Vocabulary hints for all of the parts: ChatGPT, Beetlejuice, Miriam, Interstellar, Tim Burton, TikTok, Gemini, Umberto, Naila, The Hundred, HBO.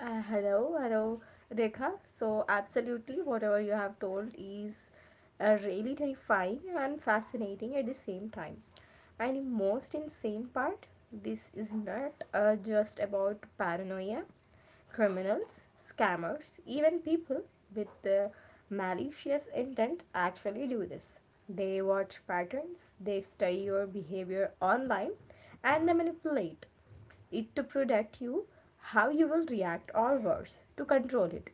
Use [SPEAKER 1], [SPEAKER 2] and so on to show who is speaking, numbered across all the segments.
[SPEAKER 1] Hello, hello, Rekha. So, absolutely, whatever you have told is really terrifying and fascinating at the same time. And the most insane part, this is not just about paranoia. Criminals, scammers, even people with the malicious intent actually do this. They watch patterns, they study your behavior online, and they manipulate it to predict you how you will react or worse, to control it.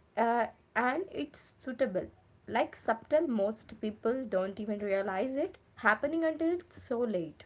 [SPEAKER 1] Uh, and it's suitable. Like subtle, most people don't even realize it happening until it's so late.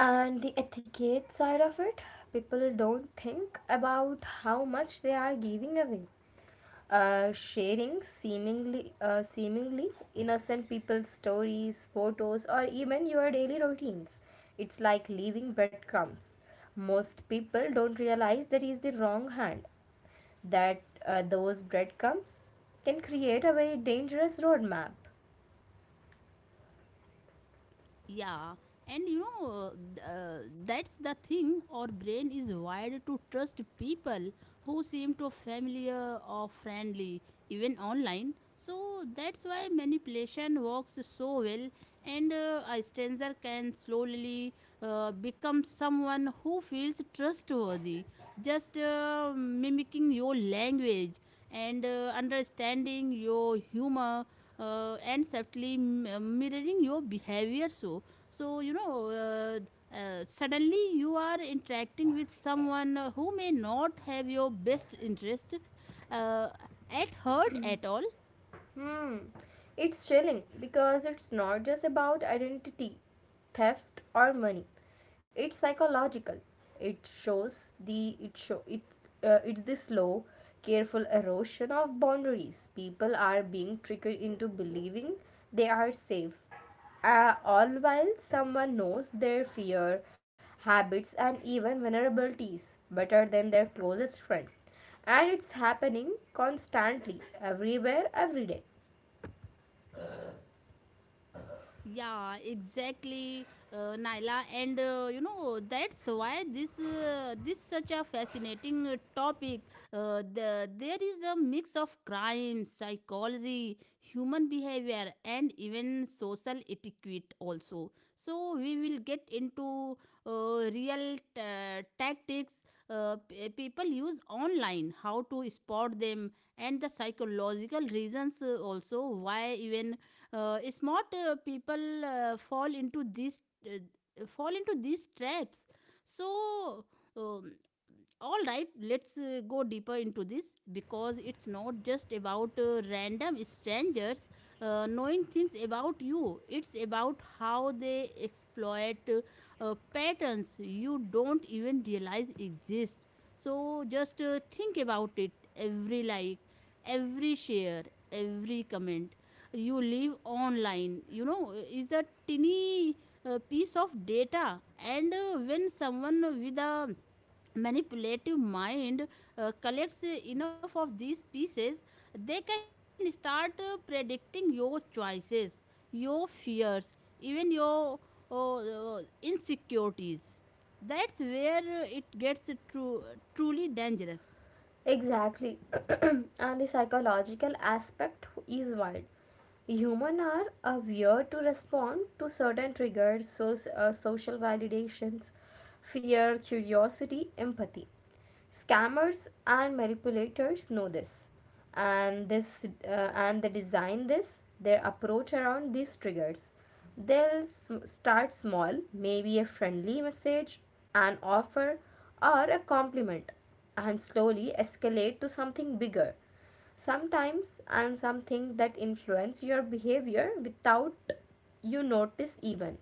[SPEAKER 1] And the etiquette side of it, people don't think about how much they are giving away. Sharing seemingly seemingly innocent people's stories, photos, or even your daily routines. It's like leaving breadcrumbs. Most people don't realize that is the wrong hand. That those breadcrumbs can create a very dangerous roadmap. Hmm. It's chilling because it's not just about identity, theft or money. It's psychological. It shows the it show it it's the slow, careful erosion of boundaries. People are being triggered into believing they are safe. All while someone knows their fear, habits and even vulnerabilities better than their closest friend. And it's happening constantly, everywhere, every day. Exactly. And the psychological aspect is wild. Humans are aware to respond to certain triggers, so, social validations, fear, curiosity, empathy. Scammers and manipulators know this, and this and they design this their approach around these triggers. They'll start small, maybe a friendly message, an offer, or a compliment, and slowly escalate to something bigger. Sometimes, and something that influence your behavior without you notice even.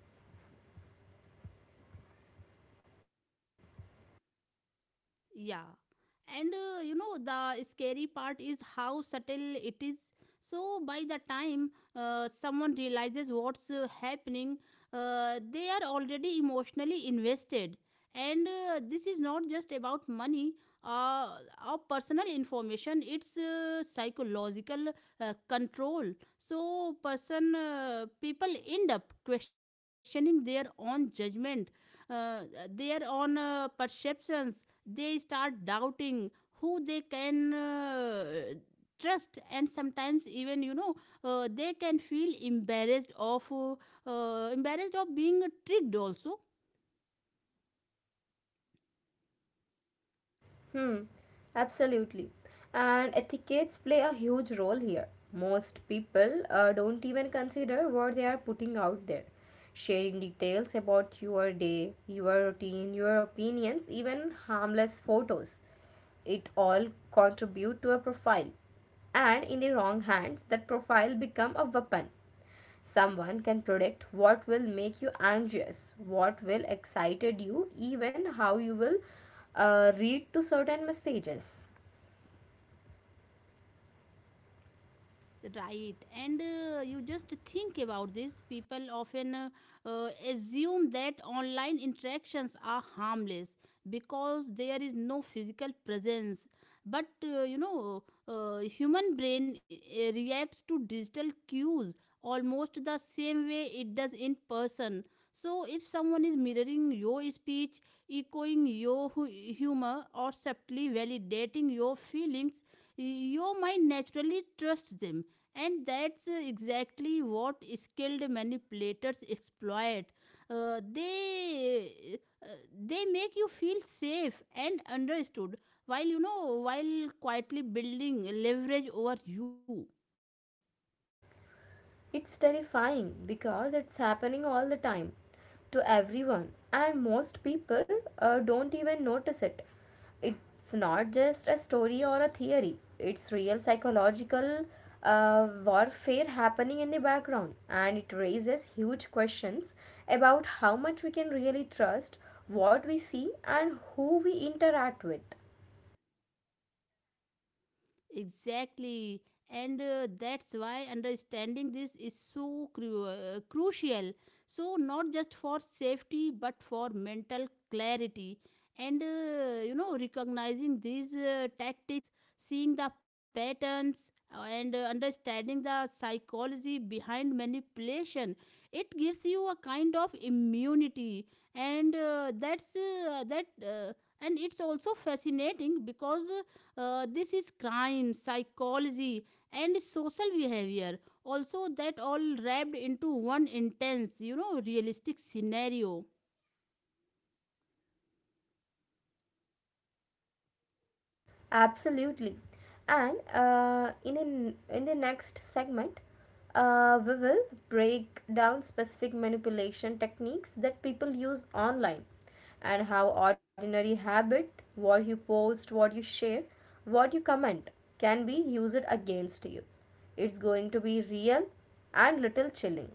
[SPEAKER 1] Hmm, absolutely. And etiquettes play a huge role here. Most people don't even consider what they are putting out there. Sharing details about your day, your routine, your opinions, even harmless photos. It all contribute to a profile. And in the wrong hands, that profile become a weapon someone can predict what will make you anxious what will excited you even how you will read to certain messages. It's terrifying because it's happening all the time to everyone, and most people don't even notice it. It's not just a story or a theory, it's real psychological warfare happening in the background, and it raises huge questions about how much we can really trust what we see and who we interact with. Absolutely. And in the next segment, we will break down specific manipulation techniques that people use online and how ordinary habit, what you post, what you share, what you comment, can be used against you. It's going to be real and little chilling.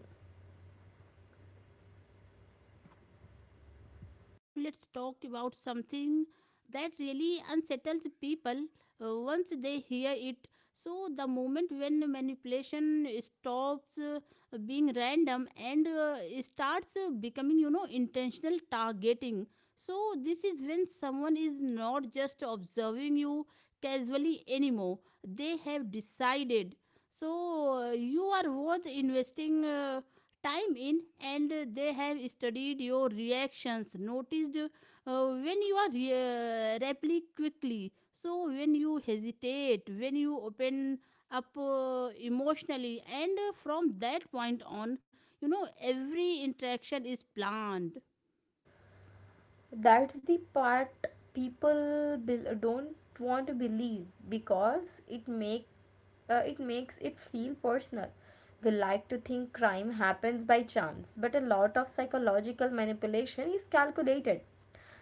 [SPEAKER 1] That's the part people don't want to believe because it makes it feel personal. We like to think crime happens by chance, but a lot of psychological manipulation is calculated.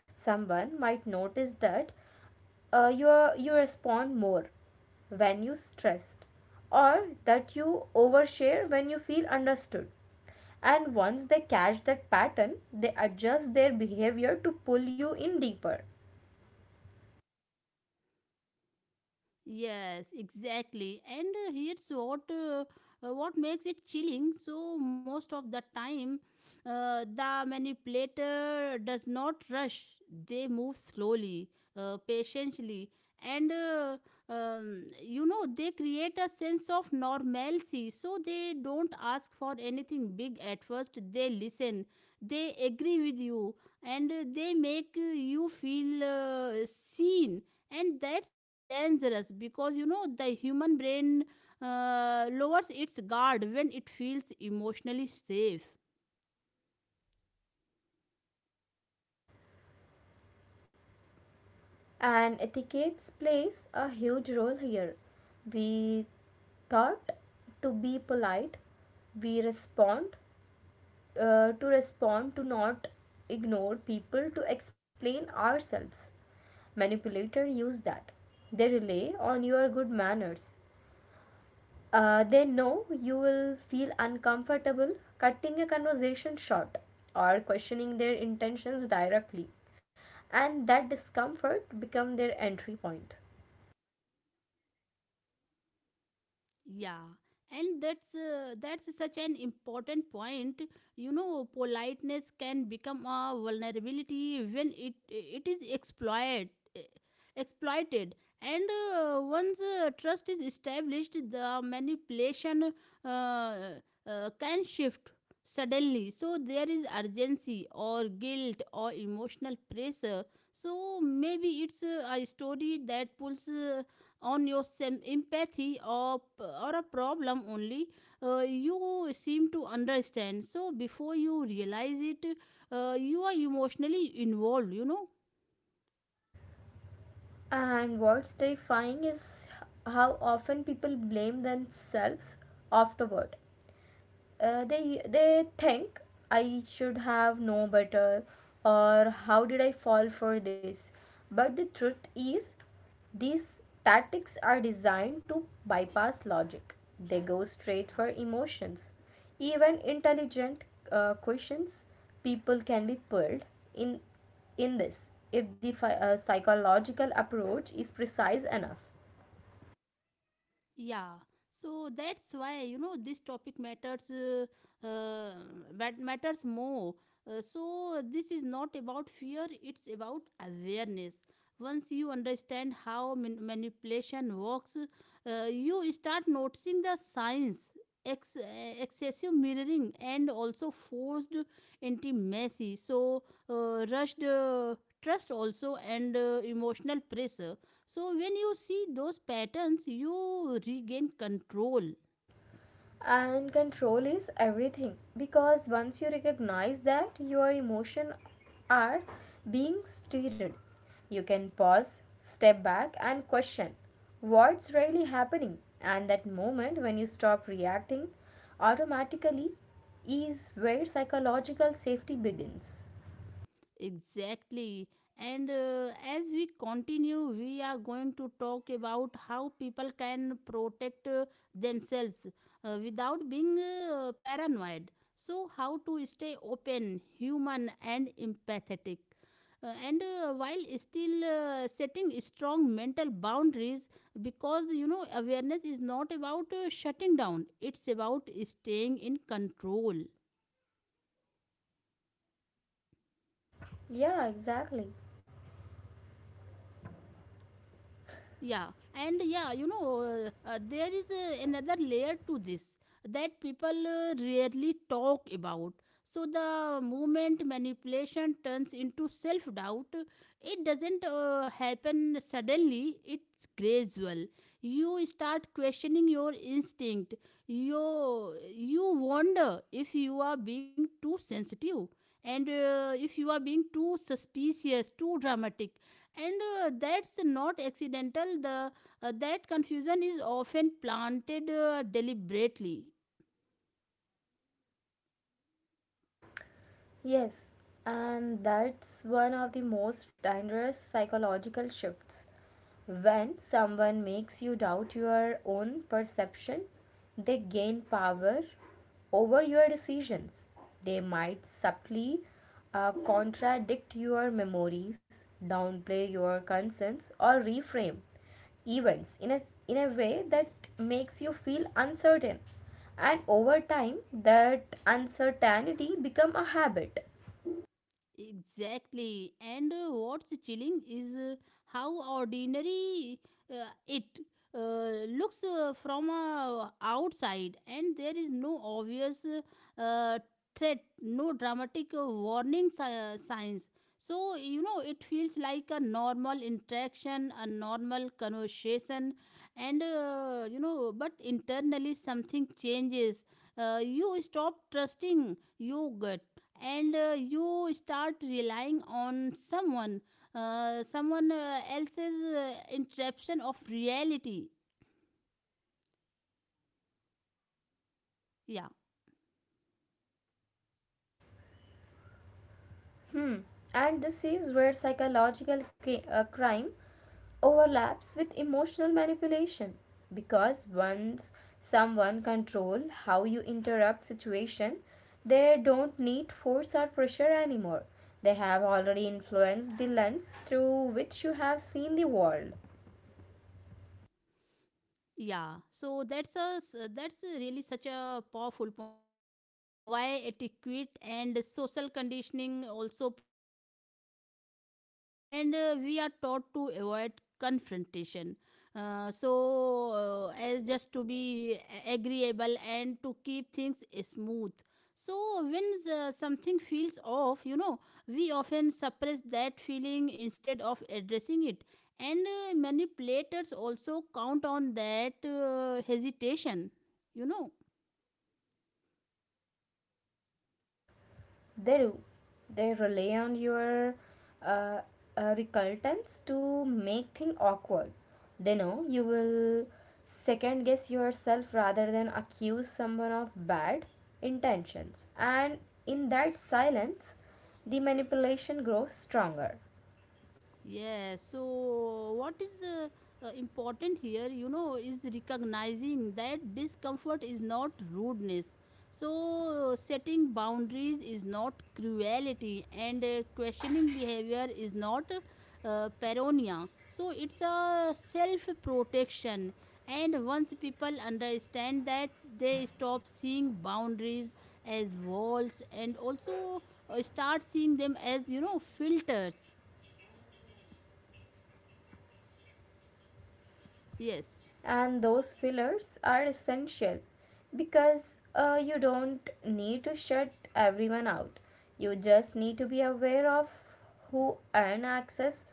[SPEAKER 1] Someone might notice that uh, you you respond more when you stressed or that you overshare when you feel understood, and once they catch that pattern they adjust their behavior to pull you in deeper. And etiquette plays a huge role here. We thought to be polite, we respond, to not ignore people, to explain ourselves. Manipulator use that. They rely on your good manners. They know you will feel uncomfortable cutting a conversation short or questioning their intentions directly, and that discomfort become their entry point. And what's terrifying is how often people blame themselves afterward. They think I should have known better or how did I fall for this. But the truth is, these tactics are designed to bypass logic. They go straight for emotions. Even intelligent questions, people can be pulled in in this if the psychological approach is precise enough. And control is everything because once you recognize that your emotions are being steered, you can pause, step back, and question what's really happening. And that moment when you stop reacting automatically is where psychological safety begins. Yeah, exactly. Yes, and that's one of the most dangerous psychological shifts. When someone makes you doubt your own perception, they gain power over your decisions. They might subtly contradict your memories, downplay your concerns, or reframe events in a way that makes you feel uncertain, and over time that uncertainty become a habit. Hmm. And this is where psychological crime overlaps with emotional manipulation, because once someone control how you interrupt situation they don't need force or pressure anymore. They have already influenced the lens through which you have seen the world. They do. They rely on your uh, recultance to make things awkward. They know you will second guess yourself rather than accuse someone of bad intentions. And in that silence, the manipulation grows stronger. And those fillers are essential because you don't need to shut everyone out, you just need to be aware of who earn access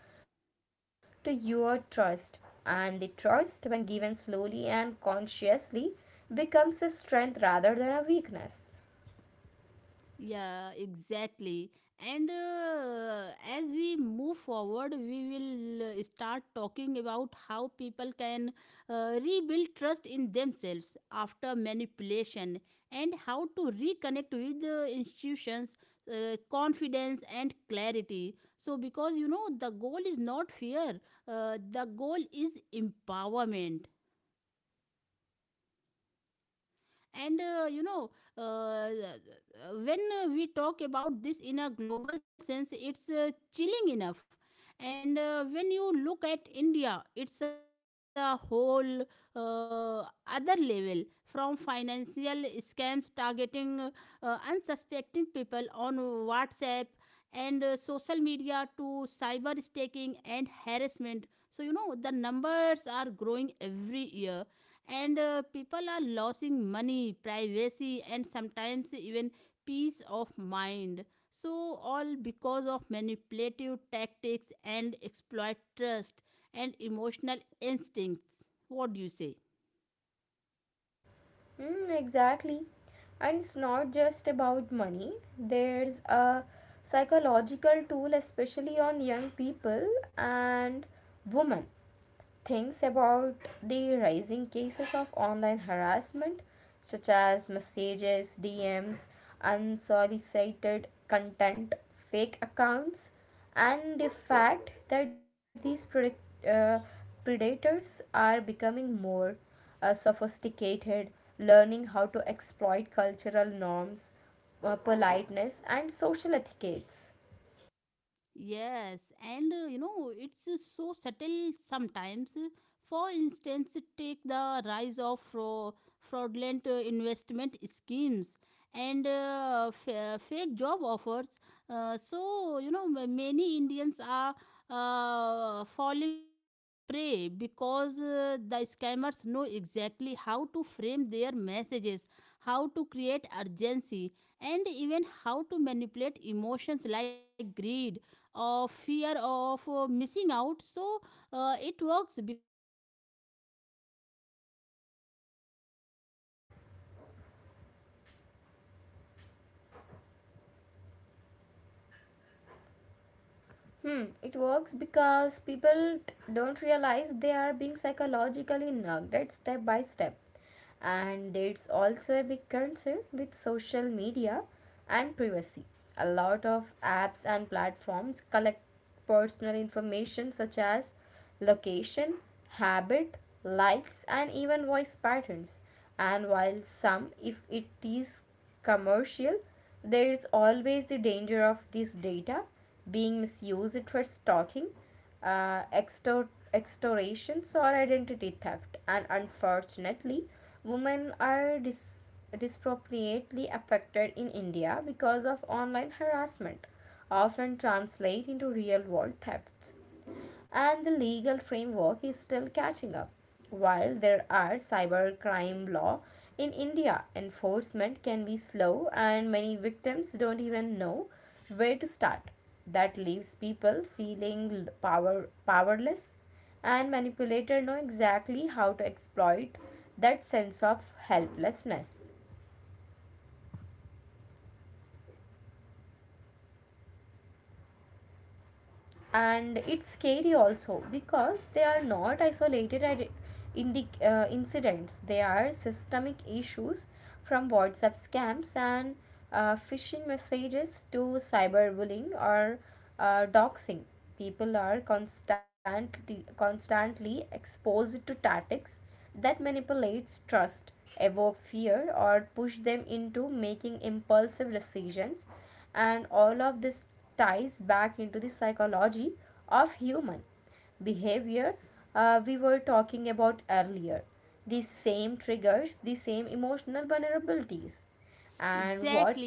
[SPEAKER 1] to your trust. And the trust when given slowly and consciously becomes a strength rather than a weakness. Mm, exactly. And it's not just about money, there's a psychological tool especially on young people and women. Thinks about the rising cases of online harassment, such as messages, DMs, unsolicited content, fake accounts, and the fact that uh, predators are becoming more sophisticated, learning how to exploit cultural norms, politeness, and social etiquettes. Hmm, it works because people don't realize they are being psychologically nugged at step by step. And there's also a big concern with social media and privacy. A lot of apps and platforms collect personal information such as location, habit, likes, and even voice patterns. And while some, if it is commercial, there is always the danger of this data being misused for stalking, extortions, or identity theft. And unfortunately, women are disproportionately affected in India because of online harassment often translate into real world thefts. And the legal framework is still catching up. While there are cybercrime law in India, enforcement can be slow and many victims don't even know where to start. That leaves people feeling powerless, and manipulators know exactly how to exploit that sense of helplessness. And it's scary also because they are not isolated incidents, they are systemic issues. From whatsapp scams and phishing messages to cyberbullying or doxing, people are constantly exposed to tactics that manipulates trust, evoke fear or push them into making impulsive decisions. And all of this ties back into the psychology of human behavior we were talking about earlier. The same triggers, the same emotional vulnerabilities. And what.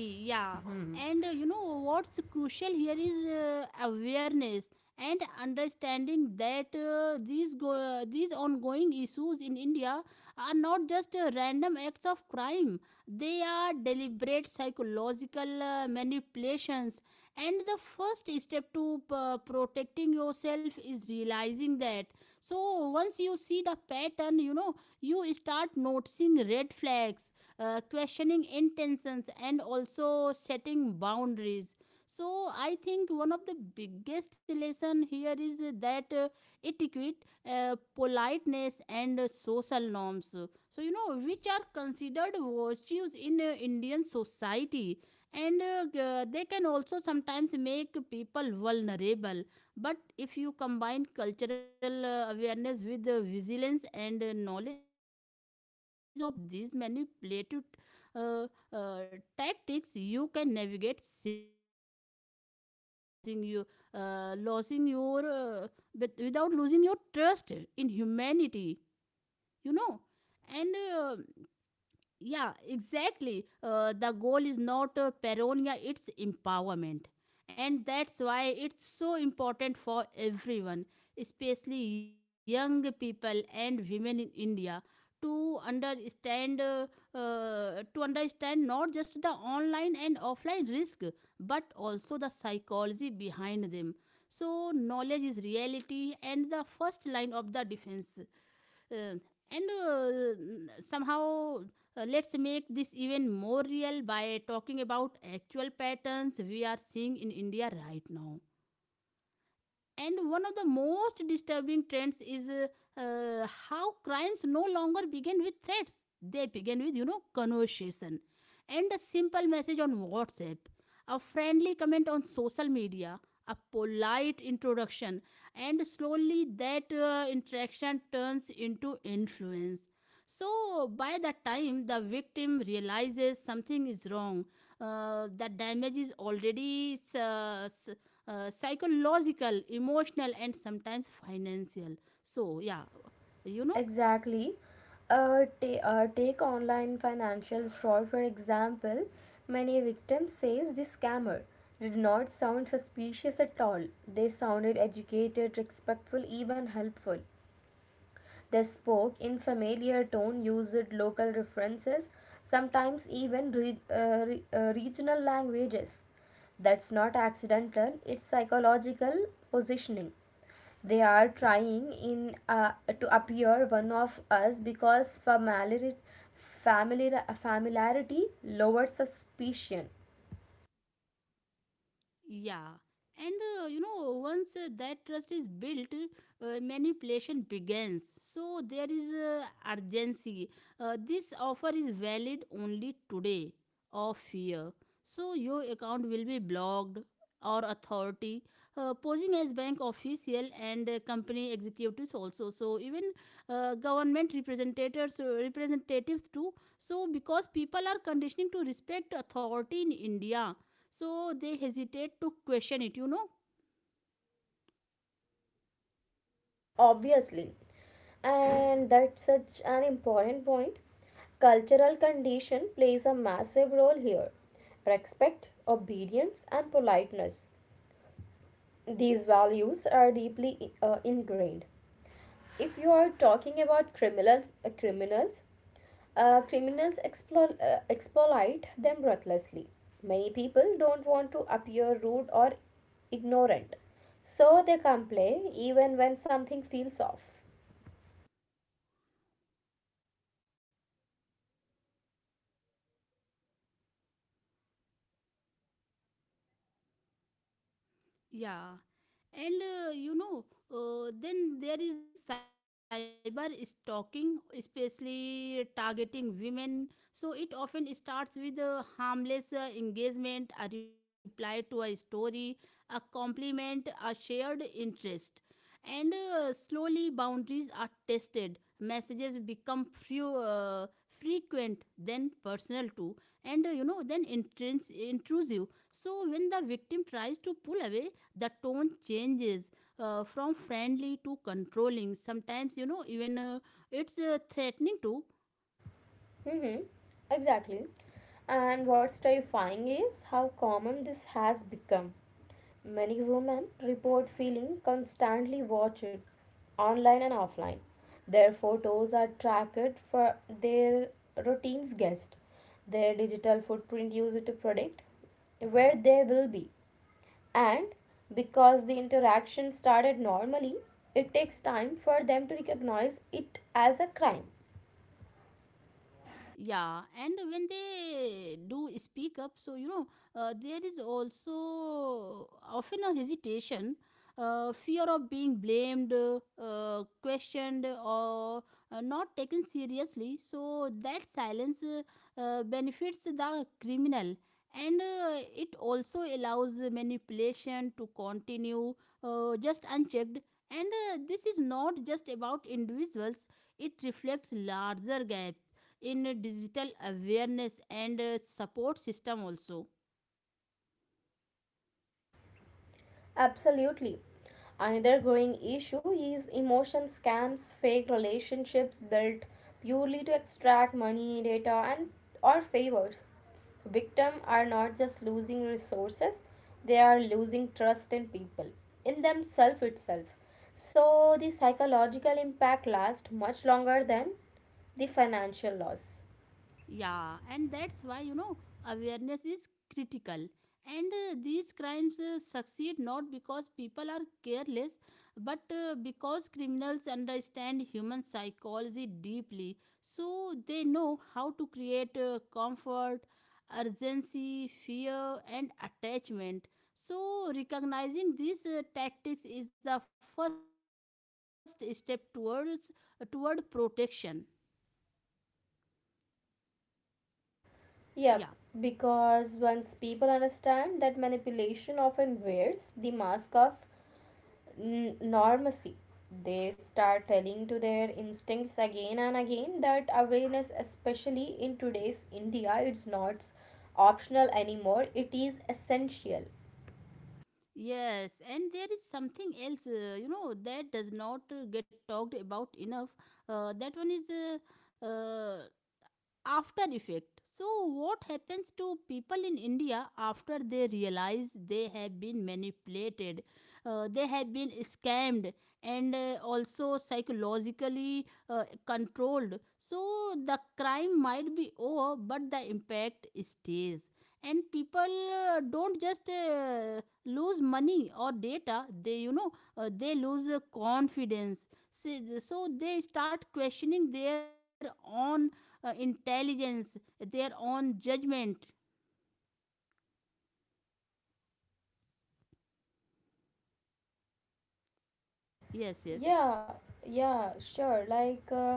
[SPEAKER 1] Exactly. Take online financial fraud for example. Many victims says the scammer did not sound suspicious at all. They sounded educated, respectful, even helpful. They spoke in familiar tone, used local references, sometimes even regional languages. That's not accidental, it's psychological positioning. They are trying in to appear one of us because familiarity lowers suspicion obviously. And that's such an important point. Cultural condition plays a massive role here. Respect, obedience and politeness, these values are deeply ingrained. If you are talking about criminals exploit them ruthlessly. Many people don't want to appear rude or ignorant, so they complain even when something feels off. Mm-hmm. Exactly. And what's terrifying is how common this has become. Many women report feeling constantly watched, online and offline. Their photos are tracked for their routines guessed, their digital footprint used to predict where they will be. And because the interaction started normally, it takes time for them to recognize it as a crime. Absolutely. Another growing issue is emotion scams, fake relationships built purely to extract money, data, and or favors. Victims are not just losing resources, they are losing trust in people, in themselves itself. So the psychological impact lasts much longer than the financial loss. Yep, because once people understand that manipulation often wears the mask of normacy. They start telling to their instincts again and again that awareness, especially in today's India, it's not optional anymore, it is essential. Yeah, yeah, sure. Like, uh,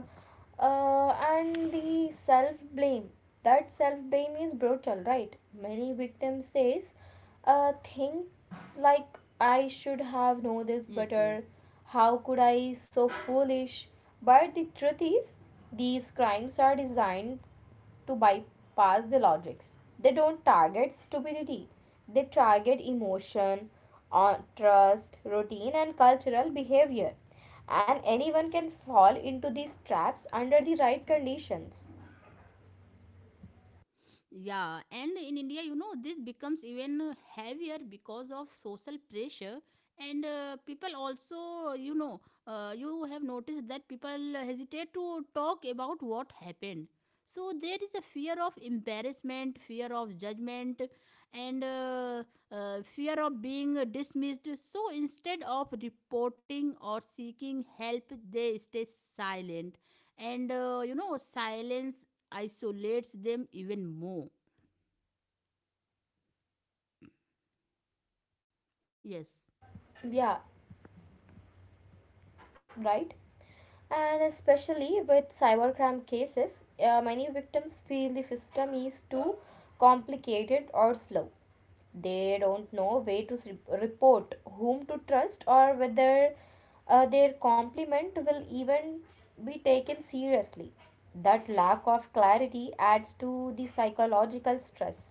[SPEAKER 1] uh, and the self blame. That self blame is brutal, right? Many victims says, things like I should have known this better. How could I so foolish? But the truth is, these crimes are designed to bypass the logics. They don't target stupidity, they target emotion, trust, routine, and cultural behavior. And anyone can fall into these traps under the right conditions. Yeah, right? And especially with cybercrime cases, many victims feel the system is too complicated or slow. They don't know where to report, whom to trust, or whether their compliment will even be taken seriously. That lack of clarity adds to the psychological stress.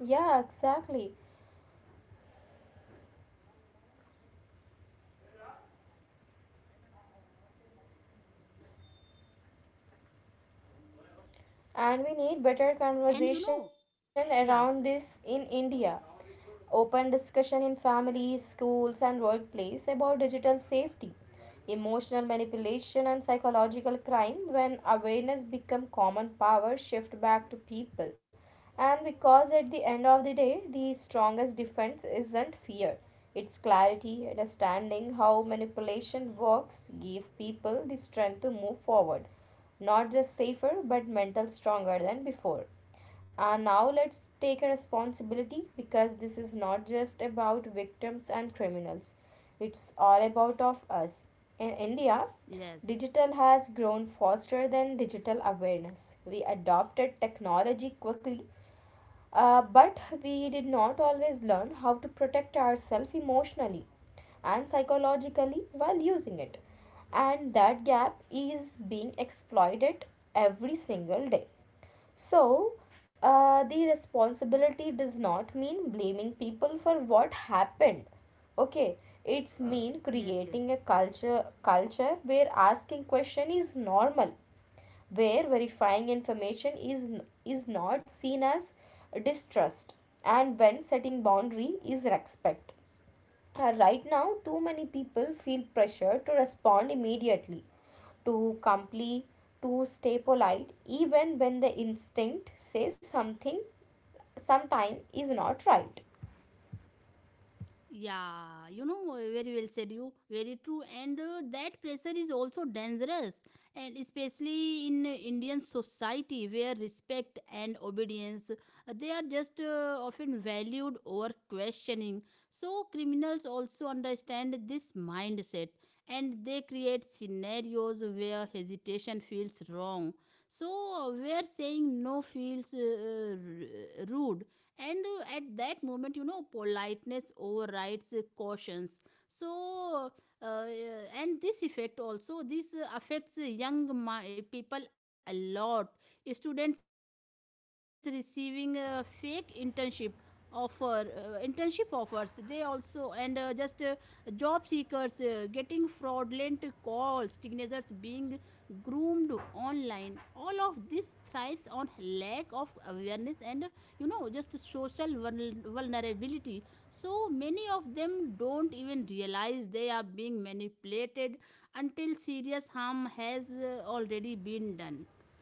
[SPEAKER 1] Yeah, exactly. And we need better conversation around this in India. Open discussion in families, schools, and workplace about digital safety, emotional manipulation, and psychological crime when awareness become common power shift back to people. And because at the end of the day, the strongest defense isn't fear. It's clarity, understanding how manipulation works, give people the strength to move forward, not just safer but mental stronger than before. Now let's take a responsibility because this is not just about victims and criminals. It's all about of us. In India, digital has grown faster than digital awareness. We adopted technology quickly but we did not always learn how to protect ourselves emotionally and psychologically while using it. And that gap is being exploited every single day. So the responsibility does not mean blaming people for what happened. Okay, it's mean creating a culture where asking question is normal, where verifying information is not seen as distrust, and when setting boundary is respect. Right now too many people feel pressure to respond immediately, to comply, to stay polite, even when the instinct says something sometime is not right.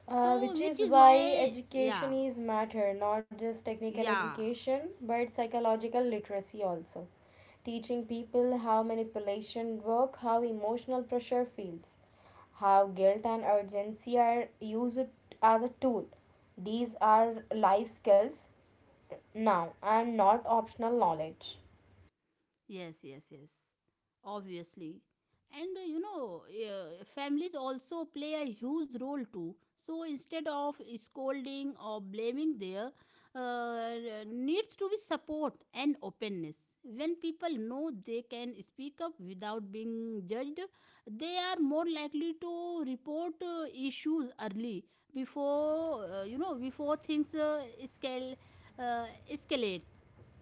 [SPEAKER 1] Which is why education is matter, not just technical education, but psychological literacy also. Teaching people how manipulation work, how emotional pressure feels, how guilt and urgency are used as a tool. These are life skills now and not optional knowledge.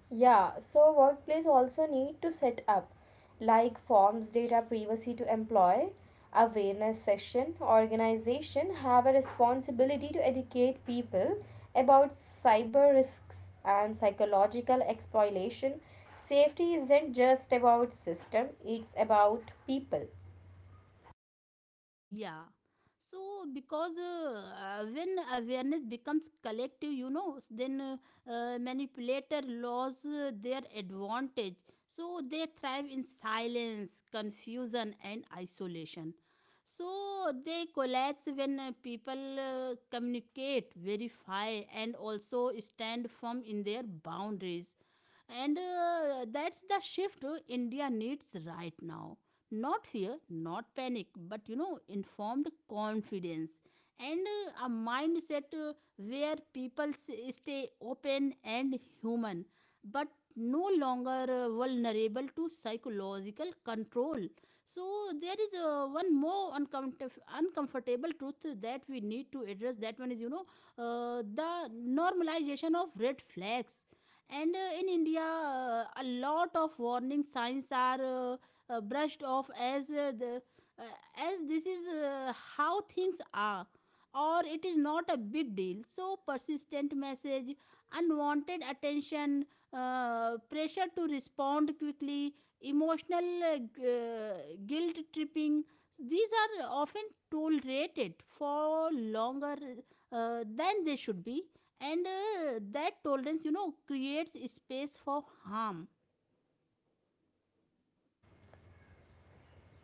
[SPEAKER 1] Yeah, so workplace also need to set up like forms, data privacy to employ, awareness session, organization have a responsibility to educate people about cyber risks and psychological exploitation. Safety isn't just about system, it's about people.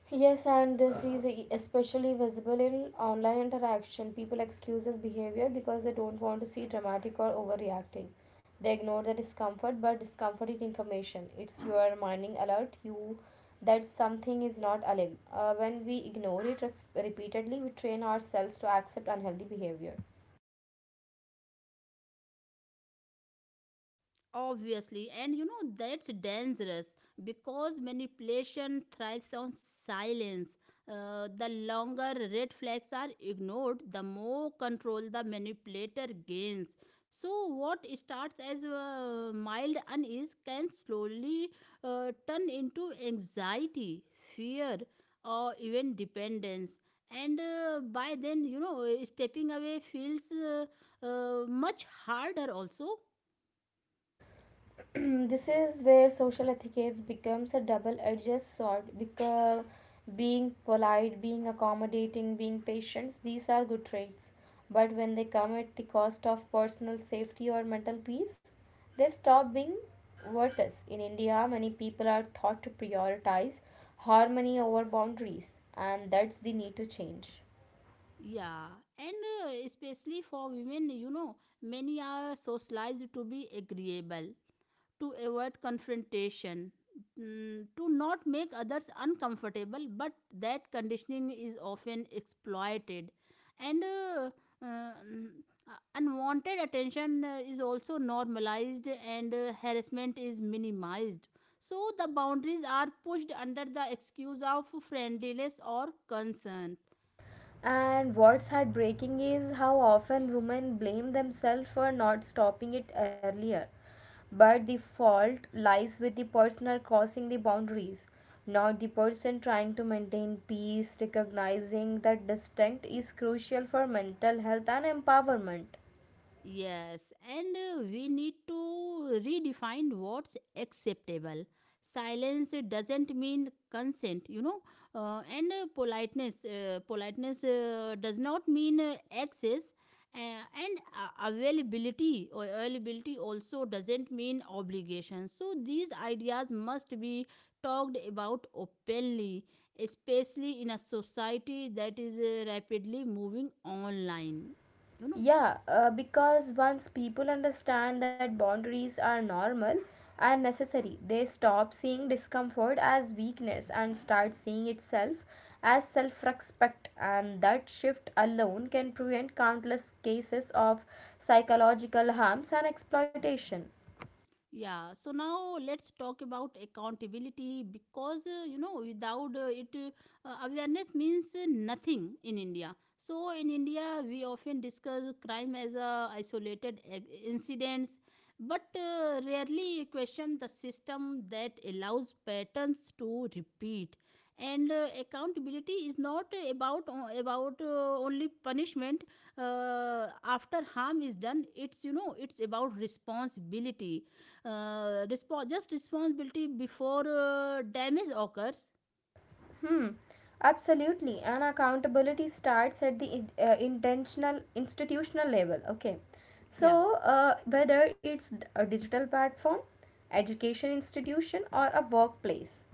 [SPEAKER 1] Yes, and this is especially visible in online interaction. People excuse this behavior because they don't want to see dramatic or overreacting. They ignore the discomfort, but discomfort is information. It's your minding alert you that something is not aligned. When we ignore it repeatedly, we train ourselves to accept unhealthy behavior. This is where social etiquette becomes a double-edged sword, because being polite, being accommodating, being patient, these are good traits, but when they come at the cost of personal safety or mental peace, they stop being virtuous. In India, many people are thought to prioritize harmony over boundaries, and that's the need to change. And what's heartbreaking is how often women blame themselves for not stopping it earlier. But the fault lies with the person crossing the boundaries, not the person trying to maintain peace. Recognizing that distinct is crucial for mental health and empowerment. Yeah, because once people understand that boundaries are normal and necessary, they stop seeing discomfort as weakness and start seeing itself as self respect. And that shift alone can prevent countless cases of psychological harms and exploitation. Hmm, absolutely. And accountability starts at the intentional institutional level. Okay, so whether it's a digital platform, education institution, or a workplace,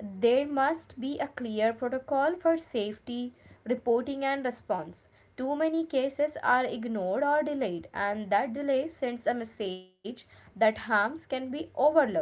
[SPEAKER 1] there must be a clear protocol for safety reporting and response. Too many cases are ignored or delayed, and that delay sends a message that harms can be overlooked.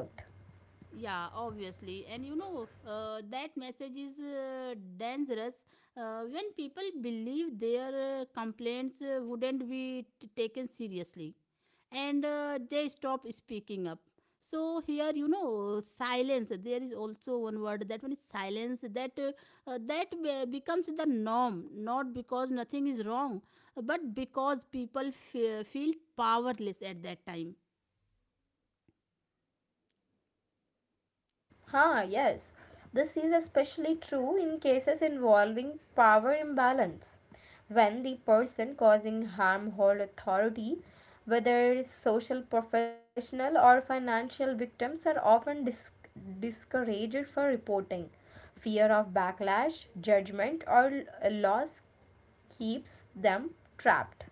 [SPEAKER 1] Huh, yes. This is especially true in cases involving power imbalance. When the person causing harm holds authority, whether social, professional, or financial, victims are often discouraged for reporting. Fear of backlash, judgment, or loss keeps them trapped.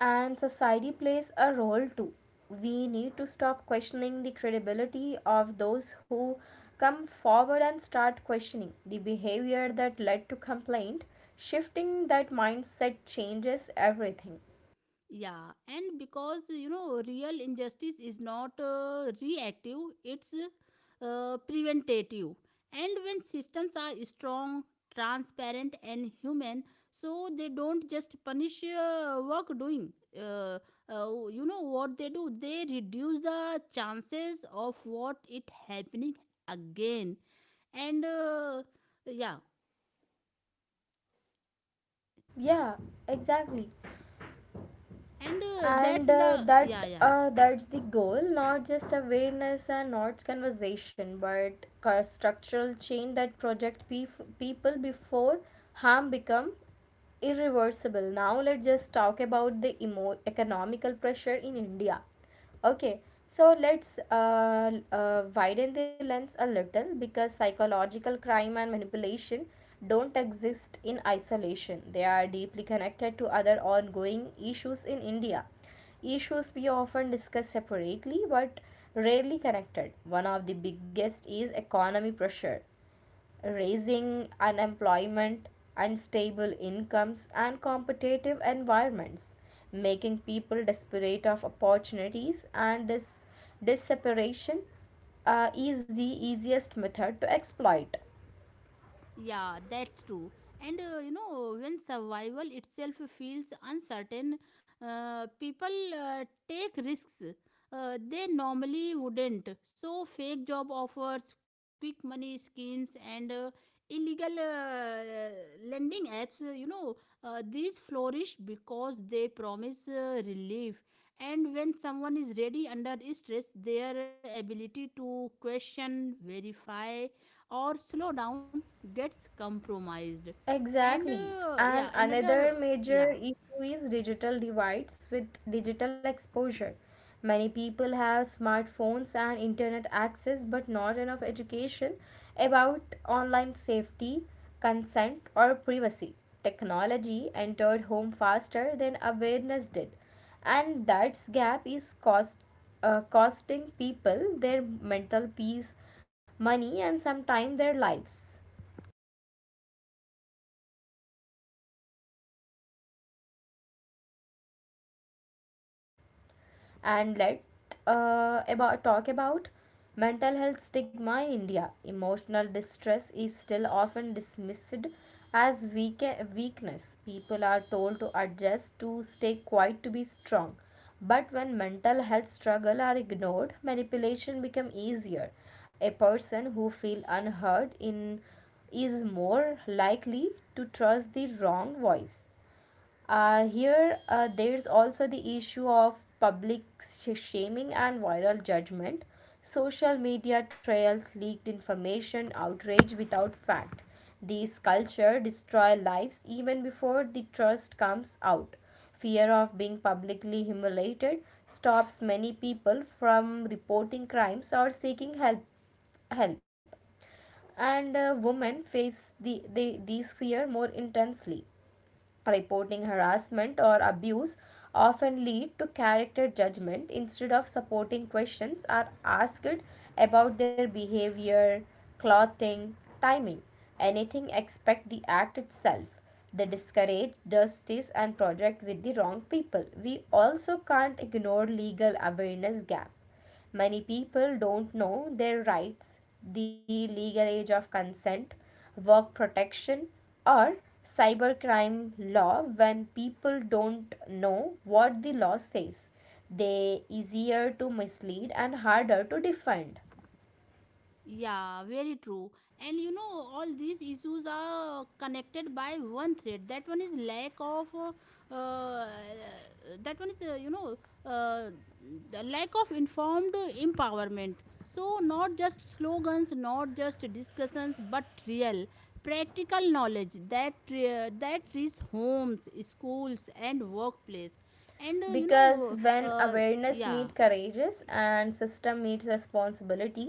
[SPEAKER 1] And society plays a role too. We need to stop questioning the credibility of those who come forward and start questioning the behavior that led to complaint. Shifting that mindset changes everything. Yeah, exactly. And that's the goal, not just awareness and not conversation but structural change that project people before harm become irreversible. Now let's just talk about the economical pressure in India. Okay, so let's widen the lens a little, because psychological crime and manipulation don't exist in isolation. They are deeply connected to other ongoing issues in India. Issues we often discuss separately but rarely connected. One of the biggest is economy pressure, raising unemployment, unstable incomes, and competitive environments, making people desperate of opportunities. And this separation is the easiest method to exploit. Exactly. And another major issue is digital divides with digital exposure. Many people have smartphones and internet access, but not enough education about online safety, consent, or privacy. Technology entered home faster than awareness did, and that gap is costing people their mental peace, money, and sometimes their lives. And let about talk about mental health stigma in India. Emotional distress is still often dismissed as weakness. People are told to adjust, to stay quiet, to be strong. But when mental health struggle are ignored, manipulation become easier. A person who feel unheard in is more likely to trust the wrong voice. Here, there's also the issue of public shaming and viral judgment. Social media trails, leaked information, outrage without fact. These culture destroy lives even before the trust comes out. Fear of being publicly humiliated stops many people from reporting crimes or seeking help. Help. And women face the these fear more intensely. Reporting harassment or abuse often lead to character judgment instead of supporting. Questions are asked about their behavior, clothing, timing, anything except the act itself. They discourage justice and project with the wrong people. We also can't ignore legal awareness gap. Many people don't know their rights, the legal age of consent, work protection, or cybercrime law. When people don't know what the law says, they are easier to mislead and harder to defend. Because when awareness meets courageous and system meets responsibility,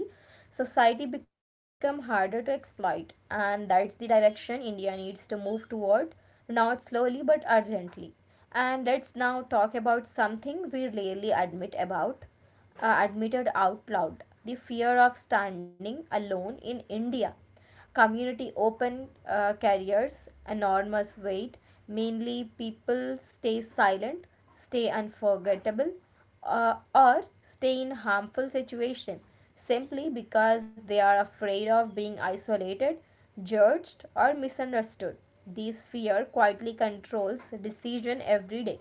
[SPEAKER 1] society become harder to exploit, and that's the direction India needs to move toward, not slowly but urgently. And let's now talk about something we rarely admit about, admitted out loud, the fear of standing alone in India. Community open carriers enormous weight. Mainly, people stay silent, stay unforgettable, or stay in harmful situation simply because they are afraid of being isolated, judged, or misunderstood. This fear quietly controls decision every day.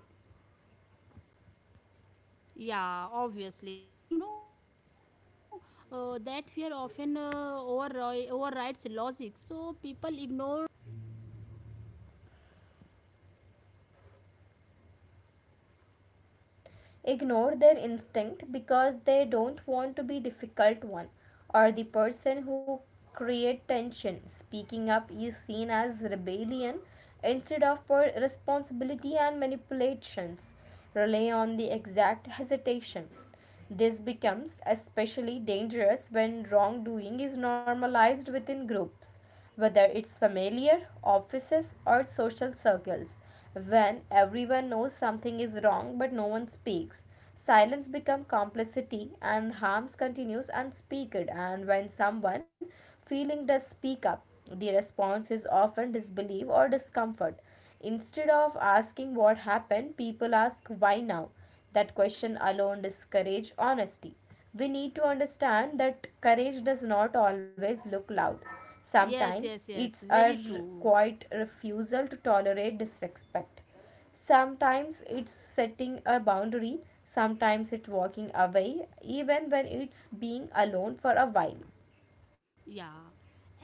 [SPEAKER 1] Ignore their instinct because they don't want to be difficult one or the person who create tension. Speaking up is seen as rebellion instead of responsibility, and manipulations rely on the exact hesitation. This becomes especially dangerous when wrongdoing is normalized within groups, whether it's familiar, offices, or social circles. When everyone knows something is wrong but no one speaks, silence becomes complicity and harms continues unspeaked. And when someone feeling does speak up, the response is often disbelief or discomfort. Instead of asking what happened, people ask why now. That question alone discourages honesty. We need to understand that courage does not always look loud. Sometimes
[SPEAKER 2] Yes, yes, yes.
[SPEAKER 1] it's a
[SPEAKER 2] Very true.
[SPEAKER 1] quiet refusal to tolerate disrespect. Sometimes it's setting a boundary, sometimes it's walking away, even when it's being alone for a while.
[SPEAKER 2] Yeah.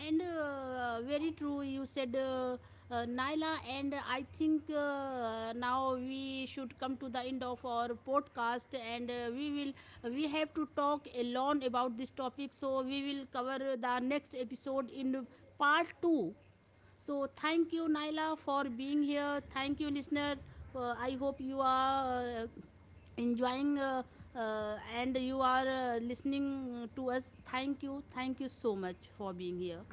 [SPEAKER 2] And very true. You said Naila, and I think now we should come to the end of our podcast, and we have to talk alone about this topic. So we will cover the next episode in part two. So thank you, Naila, for being here. Thank you, listeners. For I hope you are enjoying and you are listening to us. Thank you. Thank you so much for being here.